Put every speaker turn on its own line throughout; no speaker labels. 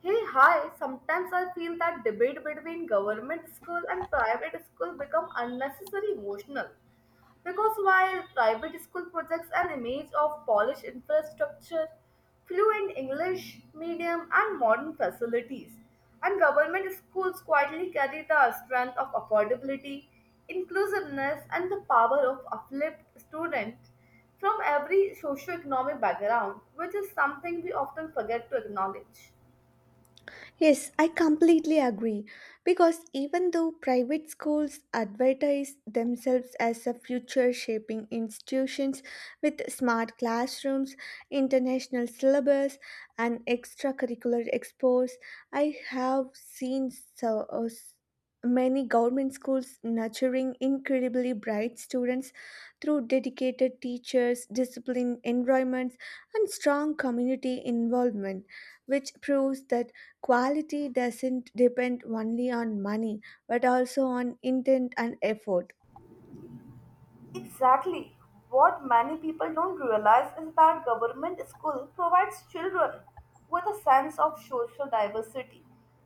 Hey, hi. Sometimes I feel that debate between government school and private school become unnecessary emotional. Because while private school projects an image of polished infrastructure, fluent English medium and modern facilities, and government schools quietly carry the strength of affordability, inclusiveness and the power of uplift students from every socioeconomic background, which is something we often forget to acknowledge.
Yes, I completely agree. Because even though private schools advertise themselves as a future shaping institutions with smart classrooms, international syllabus, and extracurricular exports, I have seen so many government schools nurturing incredibly bright students through dedicated teachers, disciplined environments, and strong community involvement, which proves that quality doesn't depend only on money, but also on intent and effort.
Exactly. What many people don't realize is that government school provides children with a sense of social diversity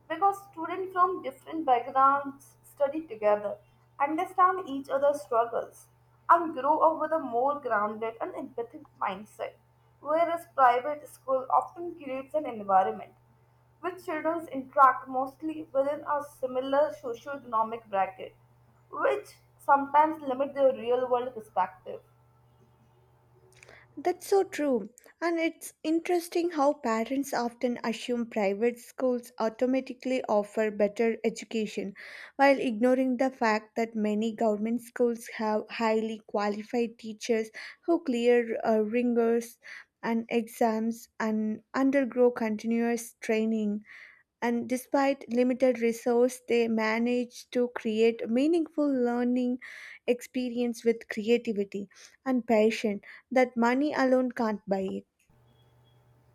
because students from different backgrounds study together, understand each other's struggles, and grow up with a more grounded and empathic mindset, whereas private school often creates an environment which children interact mostly within a similar socioeconomic bracket, which sometimes limit their real world perspective.
That's so true. And it's interesting how parents often assume private schools automatically offer better education, while ignoring the fact that many government schools have highly qualified teachers who clear rigors and exams and undergo continuous training. And despite limited resource they manage to create meaningful learning experience with creativity and passion that money alone can't buy.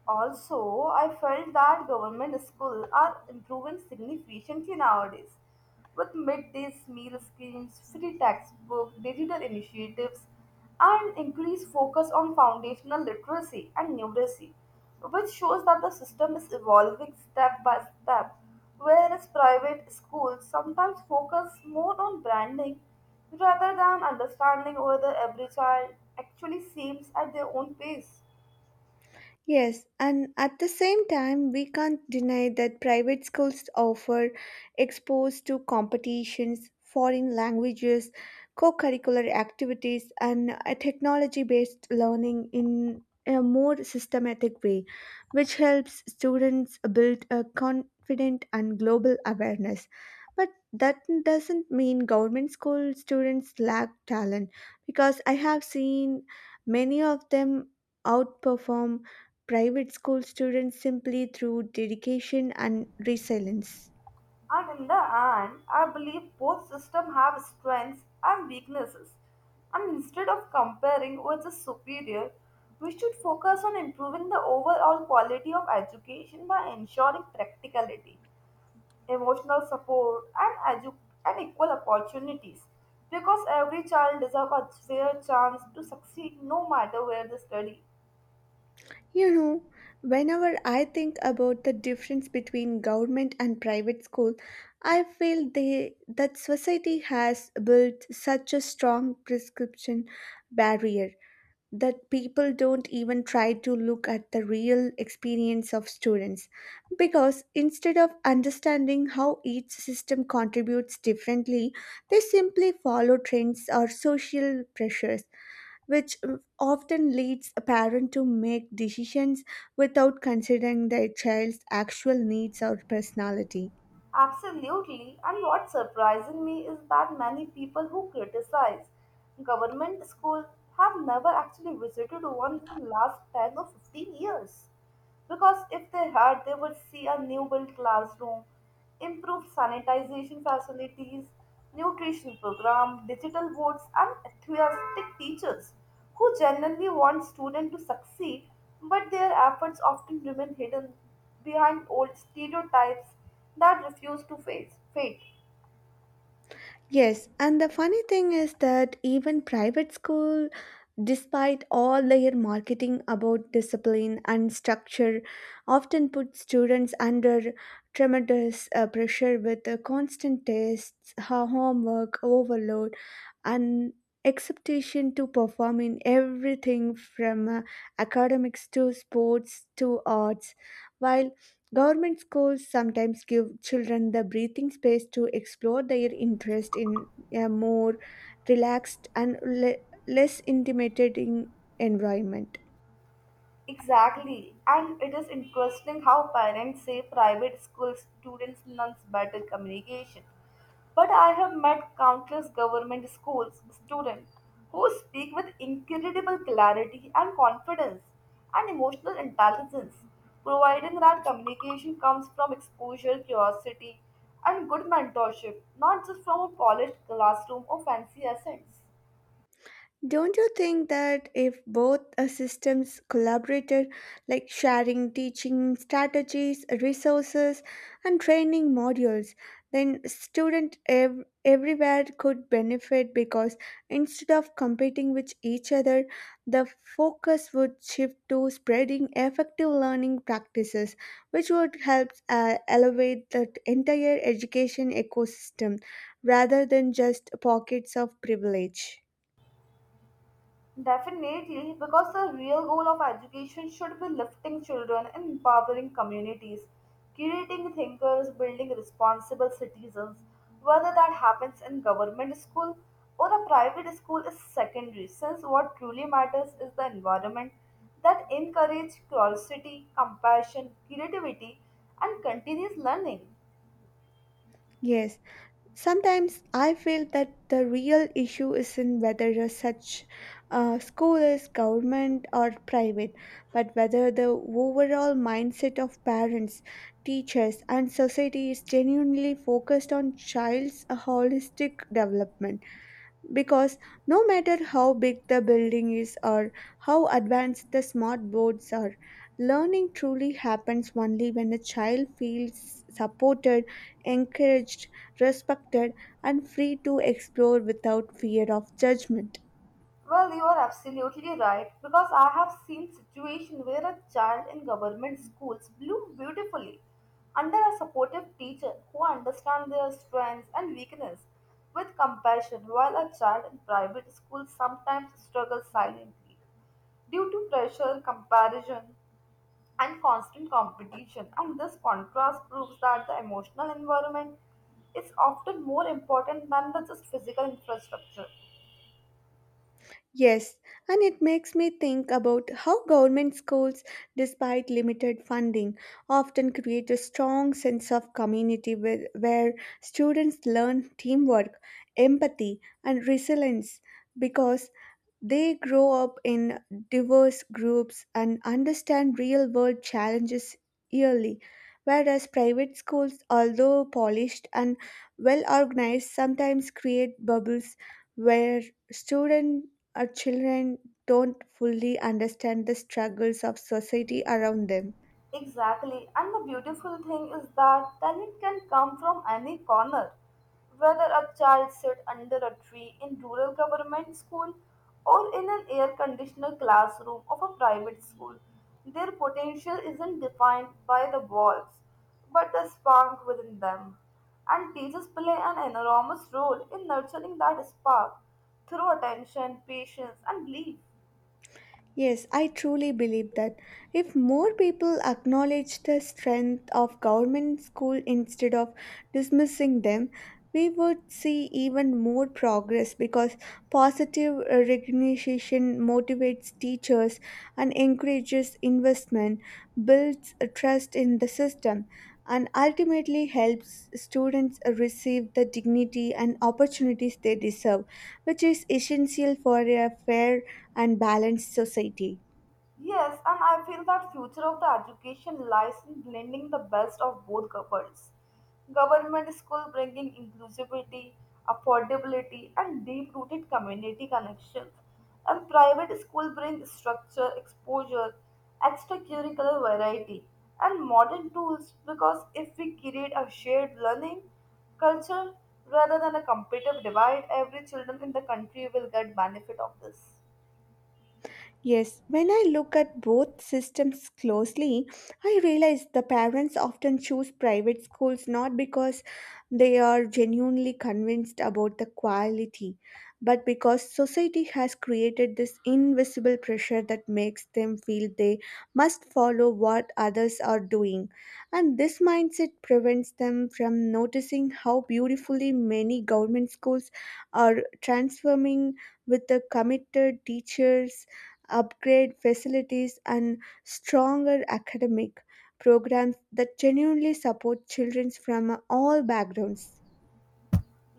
Also, I felt that government schools are improving significantly nowadays with midday meal schemes, free textbook, digital initiatives, and increased focus on foundational literacy and numeracy, which shows that the system is evolving step by step, whereas private schools sometimes focus more on branding rather than understanding whether every child actually seems at their own pace.
Yes, and at the same time, we can't deny that private schools offer exposed to competitions, foreign languages, co curricular activities, and technology based learning in a more systematic way, which helps students build a confident and global awareness. But that doesn't mean government school students lack talent because I have seen many of them outperform private school students simply through dedication and resilience.
And in the end, I believe both systems have strengths and weaknesses. And instead of comparing which is superior, we should focus on improving the overall quality of education by ensuring practicality, emotional support, and equal opportunities. Because every child deserves a fair chance to succeed no matter where they study.
You know, whenever I think about the difference between government and private school, I feel that society has built such a strong prescription barrier that people don't even try to look at the real experience of students because instead of understanding how each system contributes differently, they simply follow trends or social pressures which often leads a parent to make decisions without considering their child's actual needs or personality.
Absolutely, and what surprises me is that many people who criticize government schools have never actually visited one in the last 10 or 15 years. Because if they had, they would see a new built classroom, improved sanitization facilities, nutrition program, digital boards, and enthusiastic teachers who genuinely want students to succeed, but their efforts often remain hidden behind old stereotypes that refuse to face fate.
Yes, and the funny thing is that even private school, despite all their marketing about discipline and structure, often put students under tremendous pressure with constant tests, homework, overload, and expectation to perform in everything from academics to sports to arts. While government schools sometimes give children the breathing space to explore their interest in a more relaxed and less intimidating environment.
Exactly. And it is interesting how parents say private school students learn better communication. But I have met countless government schools students who speak with incredible clarity and confidence and emotional intelligence, providing that communication comes from exposure, curiosity, and good mentorship, not just from a polished classroom or fancy accents.
Don't you think that if both systems collaborated, like sharing teaching strategies, resources, and training modules, then students everywhere could benefit because instead of competing with each other, the focus would shift to spreading effective learning practices, which would help elevate the entire education ecosystem rather than just pockets of privilege.
Definitely, because the real goal of education should be lifting children and empowering communities, creating thinkers, building responsible citizens. Whether that happens in government school or a private school is secondary, since what truly matters is the environment that encourages curiosity, compassion, creativity, and continuous learning.
Yes, sometimes I feel that the real issue isn't whether a such school is government or private, but whether the overall mindset of parents, teachers, and society is genuinely focused on child's holistic development, because no matter how big the building is or how advanced the smart boards are, learning truly happens only when a child feels supported, encouraged, respected, and free to explore without fear of judgment.
Well, you are absolutely right because I have seen situations where a child in government schools blooms beautifully under a supportive teacher who understands their strengths and weakness with compassion, while a child in private schools sometimes struggles silently due to pressure, comparison, and constant competition. And this contrast proves that the emotional environment is often more important than the just physical infrastructure.
Yes, and it makes me think about how government schools, despite limited funding, often create a strong sense of community where, students learn teamwork, empathy, and resilience because they grow up in diverse groups and understand real world challenges early, whereas private schools, although polished and well organized, sometimes create bubbles where students or children don't fully understand the struggles of society around them.
Exactly, and the beautiful thing is that talent can come from any corner. Whether a child sit under a tree in rural government school or in an air conditioned classroom of a private school, their potential isn't defined by the walls, but the spark within them. And teachers play an enormous role in nurturing that spark through attention, patience, and belief.
Yes, I truly believe that if more people acknowledge the strength of government school instead of dismissing them, we would see even more progress because positive recognition motivates teachers and encourages investment, builds a trust in the system, and ultimately helps students receive the dignity and opportunities they deserve, which is essential for a fair and balanced society.
Yes, and I feel that future of the education lies in blending the best of both worlds. Government school bringing inclusivity, affordability, and deep-rooted community connections, and private school bring structure, exposure, extracurricular variety, and modern tools. Because if we create a shared learning culture rather than a competitive divide, every children in the country will get benefit of this.
Yes, when I look at both systems closely, I realize the parents often choose private schools not because they are genuinely convinced about the quality, but because society has created this invisible pressure that makes them feel they must follow what others are doing. And this mindset prevents them from noticing how beautifully many government schools are transforming with the committed teachers, upgrade facilities, and stronger academic programs that genuinely support children from all backgrounds.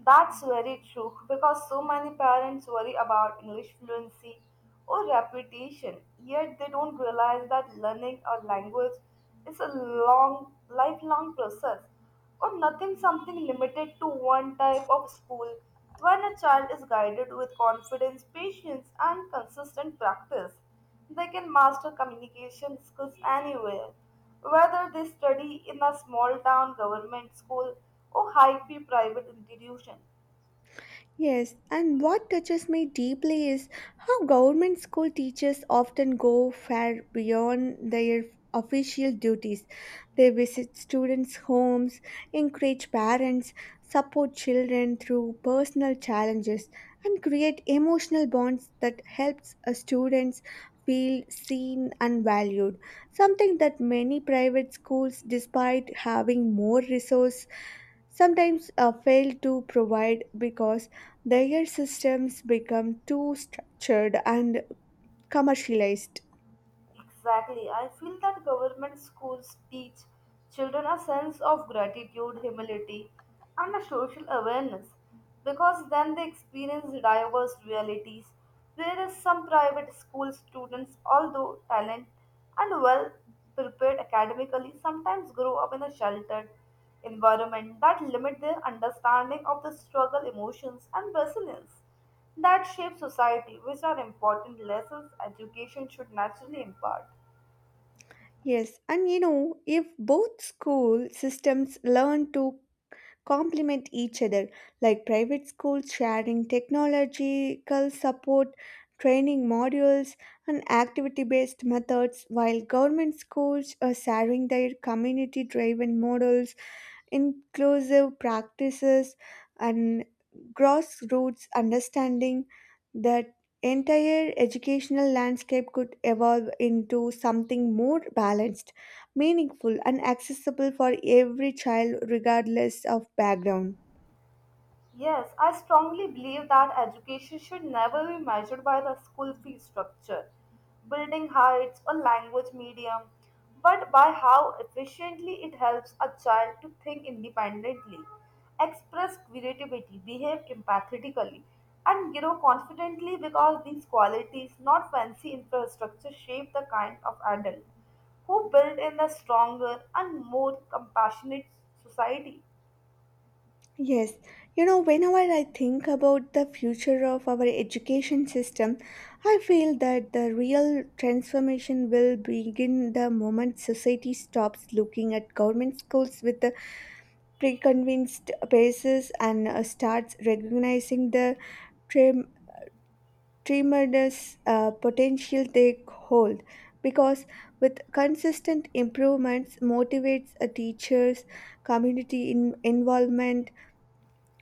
That's very true because so many parents worry about English fluency or reputation, yet they don't realize that learning a language is a long, lifelong process or nothing something limited to one type of school when a child is guided with confidence, patience, and consistent practice. They can master communication skills anywhere, whether they study in a small town government school or high fee private institution.
Yes, and what touches me deeply is how government school teachers often go far beyond their official duties. They visit students' homes, encourage parents, support children through personal challenges, and create emotional bonds that helps students feel seen and valued. Something that many private schools, despite having more resource, sometimes fail to provide because their systems become too structured and commercialized.
Exactly. I feel that government schools teach children a sense of gratitude, humility, and a social awareness because then they experience diverse realities. Whereas some private school students, although talented and well prepared academically, sometimes grow up in a sheltered environment that limit their understanding of the struggle, emotions, and resilience that shape society, which are important lessons education should naturally impart.
Yes, and you know, if both school systems learn to complement each other, like private schools sharing technological support, training modules, and activity based methods, while government schools are sharing their community driven models, inclusive practices, and grassroots understanding, that entire educational landscape could evolve into something more balanced, meaningful, and accessible for every child, regardless of background.
Yes, I strongly believe that education should never be measured by the school fee structure, building heights, or language medium, but by how efficiently it helps a child to think independently, express creativity, behave empathetically, and grow confidently because these qualities, not fancy infrastructure, shape the kind of adult who build in a stronger and more compassionate society.
Yes, you know, whenever I think about the future of our education system, I feel that the real transformation will begin the moment society stops looking at government schools with Preconvinced convinced paces and starts recognizing the trem- tremendous potential they hold, because with consistent improvements motivates teachers, community involvement,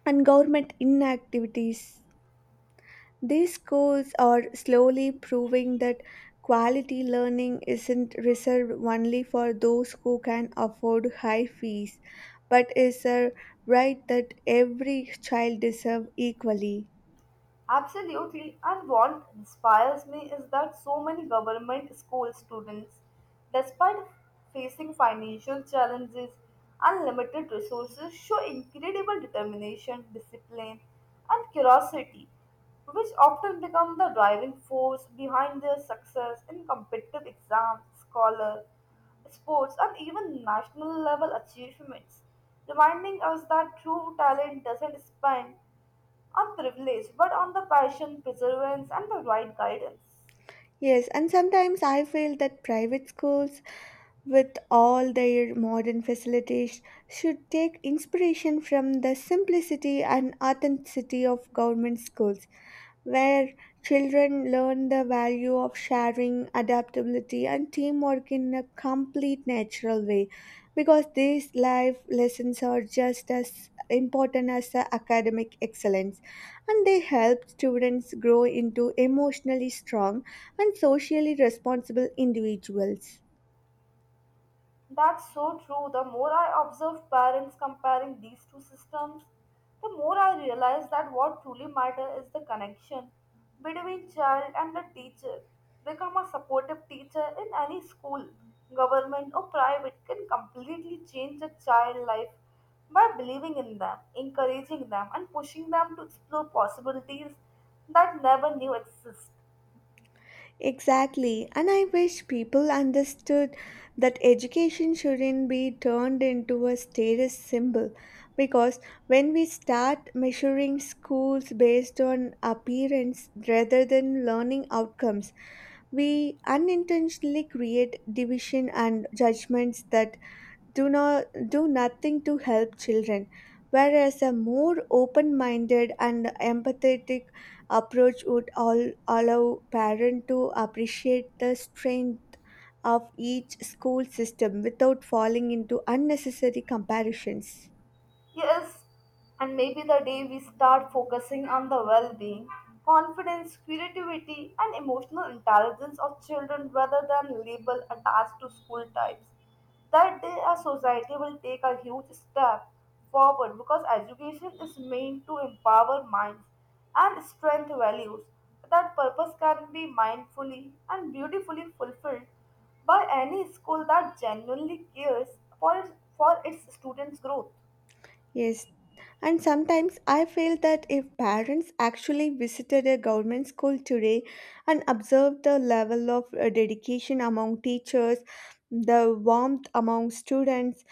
and government inactivities, these schools are slowly proving that quality learning isn't reserved only for those who can afford high fees, but is a right that every child deserves equally.
Absolutely, and what inspires me is that so many government school students, despite facing financial challenges and limited resources, show incredible determination, discipline, and curiosity, which often become the driving force behind their success in competitive exams, scholar, sports, and even national level achievements, reminding us that true talent doesn't spend on privilege, but on the passion, perseverance, and the right guidance.
Yes, and sometimes I feel that private schools, with all their modern facilities, should take inspiration from the simplicity and authenticity of government schools where children learn the value of sharing, adaptability, and teamwork in a complete natural way. Because these life lessons are just as important as the academic excellence, and they help students grow into emotionally strong and socially responsible individuals.
That's so true. The more I observe parents comparing these two systems, the more I realize that what truly matters is the connection between child and the teacher. Become a supportive teacher in any school, government or private can completely change a child's life by believing in them, encouraging them, and pushing them to explore possibilities that never knew exist.
Exactly, and I wish people understood that education shouldn't be turned into a status symbol because when we start measuring schools based on appearance rather than learning outcomes, we unintentionally create division and judgments that do not do nothing to help children, whereas a more open-minded and empathetic approach would allow parents to appreciate the strength of each school system without falling into unnecessary comparisons.
Yes, and maybe the day we start focusing on the well being, confidence, creativity, and emotional intelligence of children rather than label attached to school types. That day, our society will take a huge step forward because education is meant to empower minds and strengthen values. That purpose can be mindfully and beautifully fulfilled by any school that genuinely cares for its, for its students' growth.
Yes, and sometimes I feel that if parents actually visited a government school today and observed the level of dedication among teachers, the warmth among students,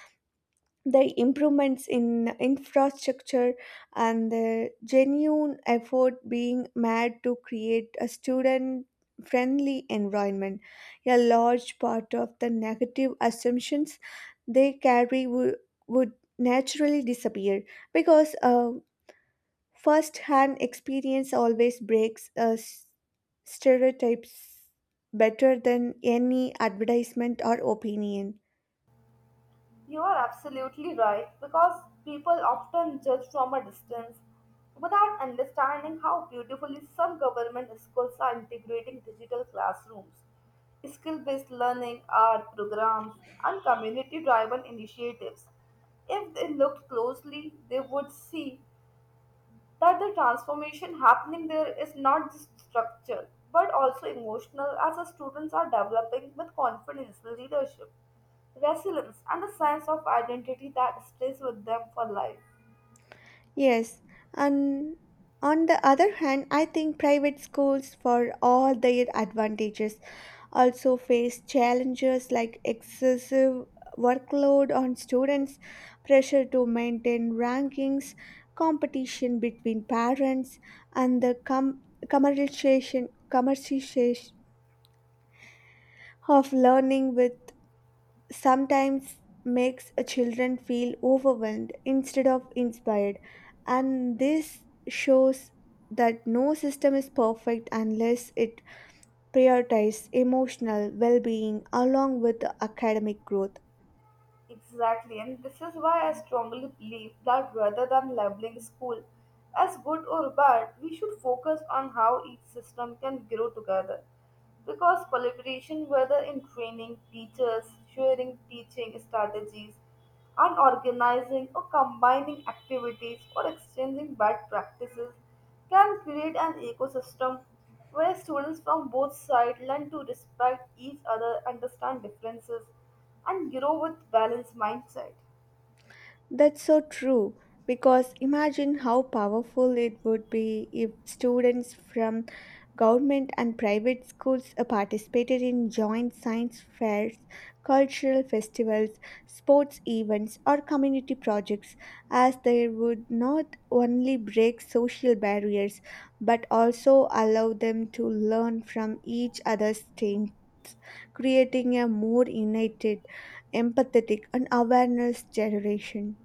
the improvements in infrastructure, and the genuine effort being made to create a student friendly environment, a large part of the negative assumptions they carry would naturally disappear because first hand experience always breaks stereotypes better than any advertisement or opinion.
You are absolutely right because people often judge from a distance without understanding how beautifully some government schools are integrating digital classrooms, skill based learning, art programs, and community driven initiatives. If they looked closely, they would see that the transformation happening there is not just structural but also emotional as the students are developing with confidence, leadership, resilience, and a sense of identity that stays with them for life.
Yes, and on the other hand, I think private schools, for all their advantages, also face challenges like excessive workload on students, pressure to maintain rankings, competition between parents, and the commercialization of learning with sometimes makes a children feel overwhelmed instead of inspired, and this shows that no system is perfect unless it prioritizes emotional well-being along with academic growth.
Exactly, and this is why I strongly believe that rather than labeling school as good or bad, we should focus on how each system can grow together. Because collaboration, whether in training, teachers, sharing teaching strategies, and organizing or combining activities or exchanging bad practices, can create an ecosystem where students from both sides learn to respect each other, understand differences, and grow with balanced mindset.
That's so true because imagine how powerful it would be if students from government and private schools participated in joint science fairs, cultural festivals, sports events, or community projects, as they would not only break social barriers but also allow them to learn from each other's strengths. Creating a more united, empathetic, and awareness generation.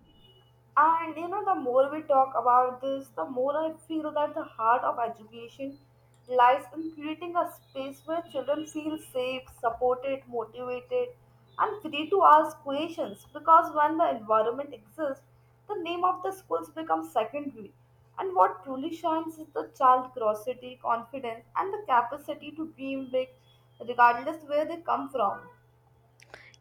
And you know, the more we talk about this, the more I feel that the heart of education lies in creating a space where children feel safe, supported, motivated, and free to ask questions. Because when the environment exists, the name of the schools becomes secondary. And what truly shines is the child curiosity, confidence, and the capacity to dream big, regardless where they come from.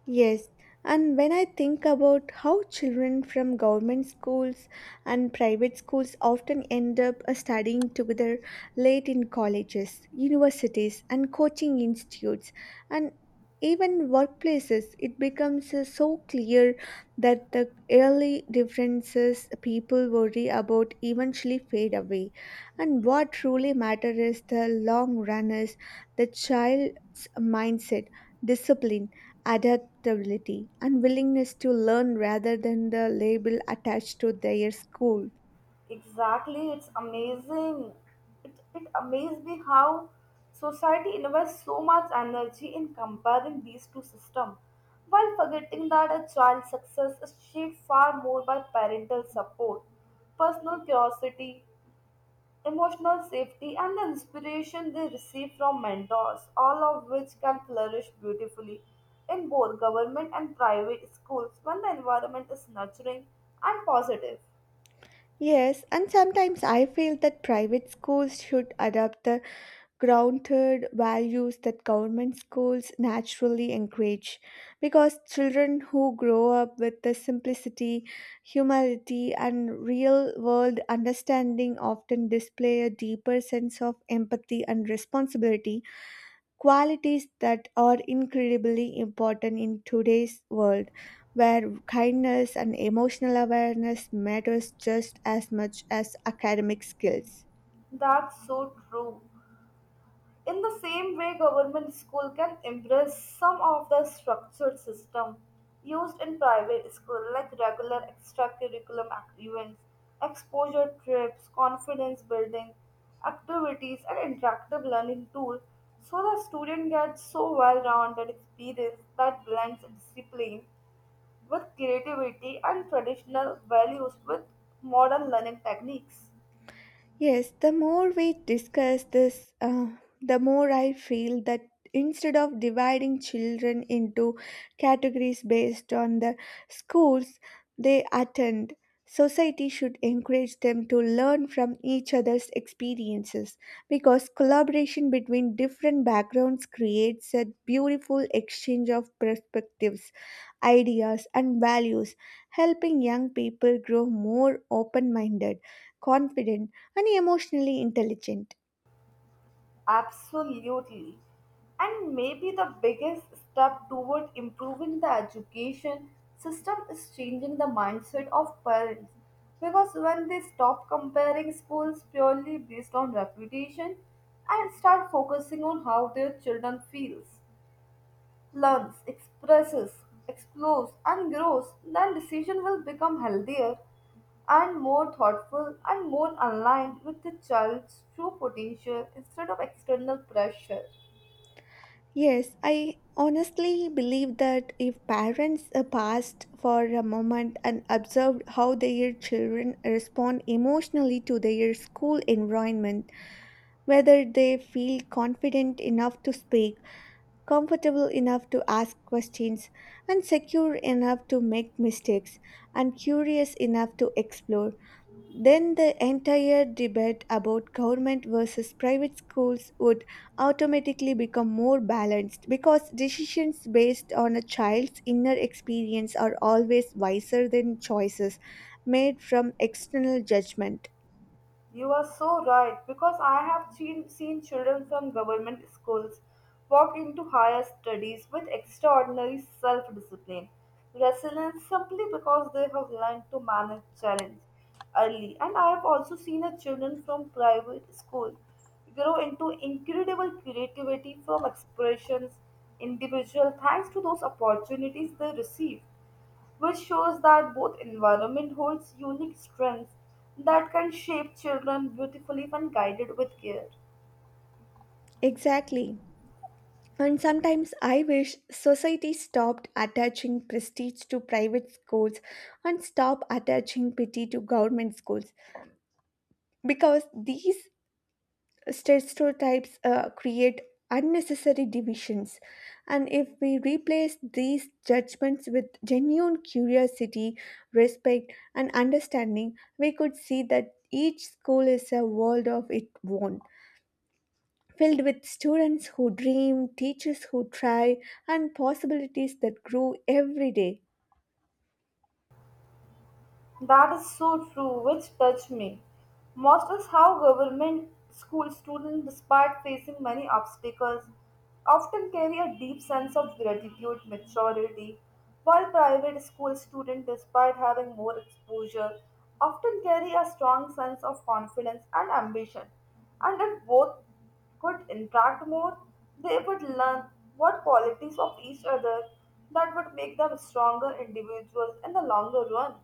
Yes, and when I think about how children from government schools and private schools often end up studying together late in colleges, universities, and coaching institutes, and even workplaces, it becomes so clear that the early differences people worry about eventually fade away. And what truly matters is the long run is the child's mindset, discipline, adaptability adaptability and willingness to learn rather than the label attached to their school.
Exactly, it's amazing. It amazed me how society invests so much energy in comparing these two systems while forgetting that a child's success is shaped far more by parental support, personal curiosity, emotional safety, and the inspiration they receive from mentors, all of which can flourish beautifully in both government and private schools when the environment is nurturing and positive.
Yes, and sometimes I feel that private schools should adopt the grounded values that government schools naturally encourage because children who grow up with the simplicity, humility, and real world understanding often display a deeper sense of empathy and responsibility, qualities that are incredibly important in today's world where kindness and emotional awareness matters just as much as academic skills.
That's so true. In the same way, government school can embrace some of the structured system used in private school, like regular events, exposure trips, confidence building activities, and interactive learning tools, so the student gets so well-rounded experience that blends discipline with creativity and traditional values with modern learning techniques.
Yes, the more we discuss this, the more I feel that instead of dividing children into categories based on the schools they attend, society should encourage them to learn from each other's experiences because collaboration between different backgrounds creates a beautiful exchange of perspectives, ideas, and values, helping young people grow more open minded, confident, and emotionally intelligent.
Absolutely. And maybe the biggest step toward improving the education system is changing the mindset of parents. Because when they stop comparing schools purely based on reputation and start focusing on how their children feels learns, expresses, explores, and grows, then decision will become healthier and more thoughtful and more aligned with the child's true potential instead of external pressure.
Yes, I honestly believe that if parents paused for a moment and observed how their children respond emotionally to their school environment, whether they feel confident enough to speak, comfortable enough to ask questions, and secure enough to make mistakes, and curious enough to explore, then the entire debate about government versus private schools would automatically become more balanced because decisions based on a child's inner experience are always wiser than choices made from external judgment.
You are so right because I have seen children from government schools walk into higher studies with extraordinary self discipline, resilience simply because they have learned to manage challenge early. And I have also seen a children from private school grow into incredible creativity from expressions individual thanks to those opportunities they receive which shows that both environment holds unique strengths that can shape children beautifully when guided with care.
Exactly. And sometimes I wish society stopped attaching prestige to private schools and stop attaching pity to government schools because these stereotypes create unnecessary divisions, and if we replace these judgments with genuine curiosity, respect, and understanding, we could see that each school is a world of its own, filled with students who dream, teachers who try, and possibilities that grow every day.
That is so true, which touched me. Most is how government school students, despite facing many obstacles, often carry a deep sense of gratitude, maturity, while private school students, despite having more exposure, often carry a strong sense of confidence and ambition. And if both could interact more, they would learn what qualities of each other that would make them stronger individuals in the longer run.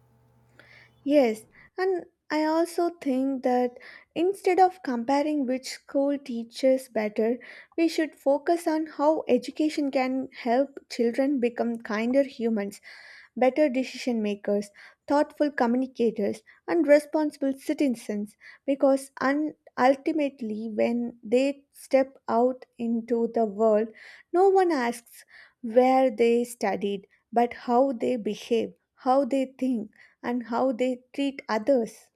Yes, and I also think that instead of comparing which school teaches better, we should focus on how education can help children become kinder humans, better decision makers, thoughtful communicators, and responsible citizens. Because ultimately, when they step out into the world, no one asks where they studied, but how they behave, how they think, and how they treat others.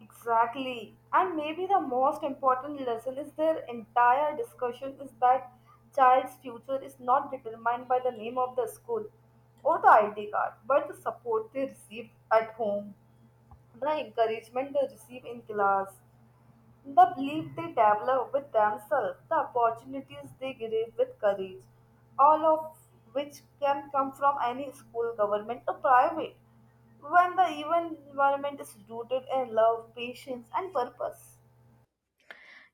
Exactly. And maybe the most important lesson is their entire discussion is that child's future is not determined by the name of the school or the ID card, but the support they receive at home, the encouragement they receive in class, the belief they develop with themselves, the opportunities they give with courage, all of which can come from any school, government, or private, when the even environment is rooted in love, patience, and purpose.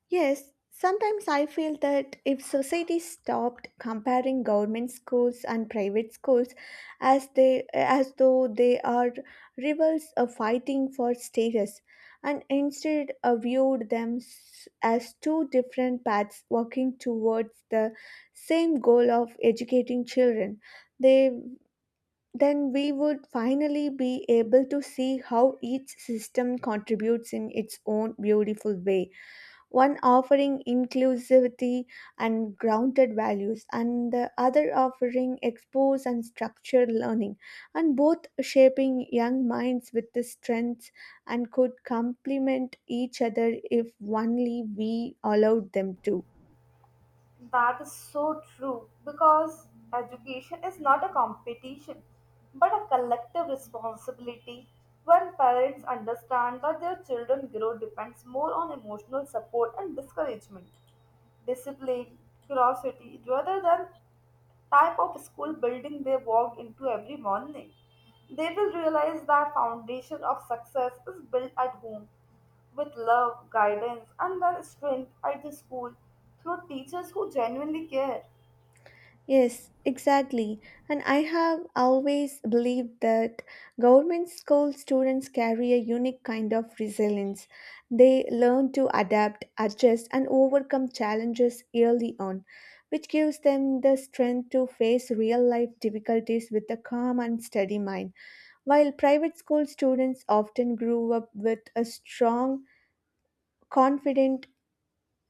Yes, sometimes I feel that if society stopped comparing government schools and private schools as though they are rivals fighting for status and instead viewed them as two different paths working towards the same goal of educating children, they then we would finally be able to see how each system contributes in its own beautiful way, one offering inclusivity and grounded values, and the other offering expose and structured learning, and both shaping young minds with the strengths and could complement each other if only we allowed them to.
That is so true because education is not a competition but a collective responsibility. When parents understand that their children grow depends more on emotional support and discouragement discipline, curiosity, rather than type of school building they walk into every morning. They will realize that foundation of success is built at home with love, guidance, and then strength at the school through teachers who genuinely care.
Yes, exactly. And I have always believed that government school students carry a unique kind of resilience. They learn to adapt, adjust, and overcome challenges early on, which gives them the strength to face real life difficulties with a calm and steady mind. While private school students often grew up with a strong, confident,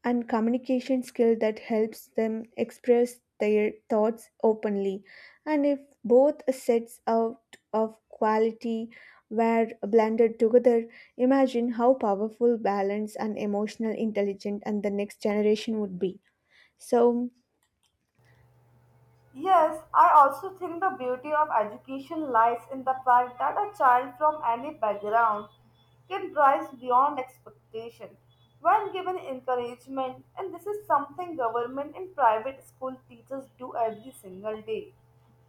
and communication skill that helps them express their thoughts openly, and if both sets out of quality were blended together, imagine how powerful balanced, and emotional intelligent and the next generation would be. So
Yes, I also think the beauty of education lies in the fact that a child from any background can rise beyond expectation when given encouragement and this is something government and private school teachers do every single day.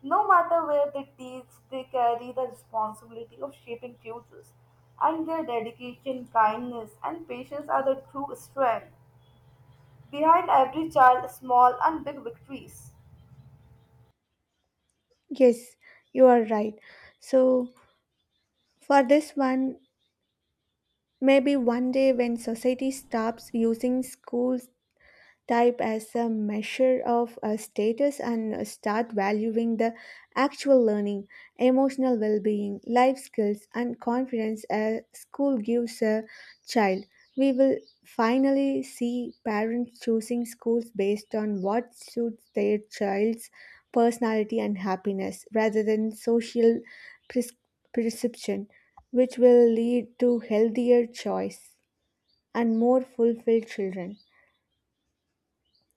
No matter where they teach, they carry the responsibility of shaping futures and their dedication, kindness and patience are the true strength behind every child small and big victories.
yes, you are right. So for this one, maybe one day when society stops using schools type as a measure of a status and start valuing the actual learning, emotional well being, life skills, and confidence a school gives a child. We will finally see parents choosing schools based on what suits their child's personality and happiness rather than social pres- perception, which will lead to healthier choice and more fulfilled children.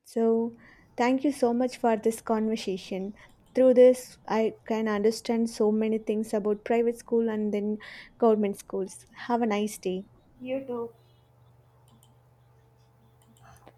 So, thank you so much for this conversation. Through this, I can understand so many things about private school and then government schools. Have a nice day.
You too.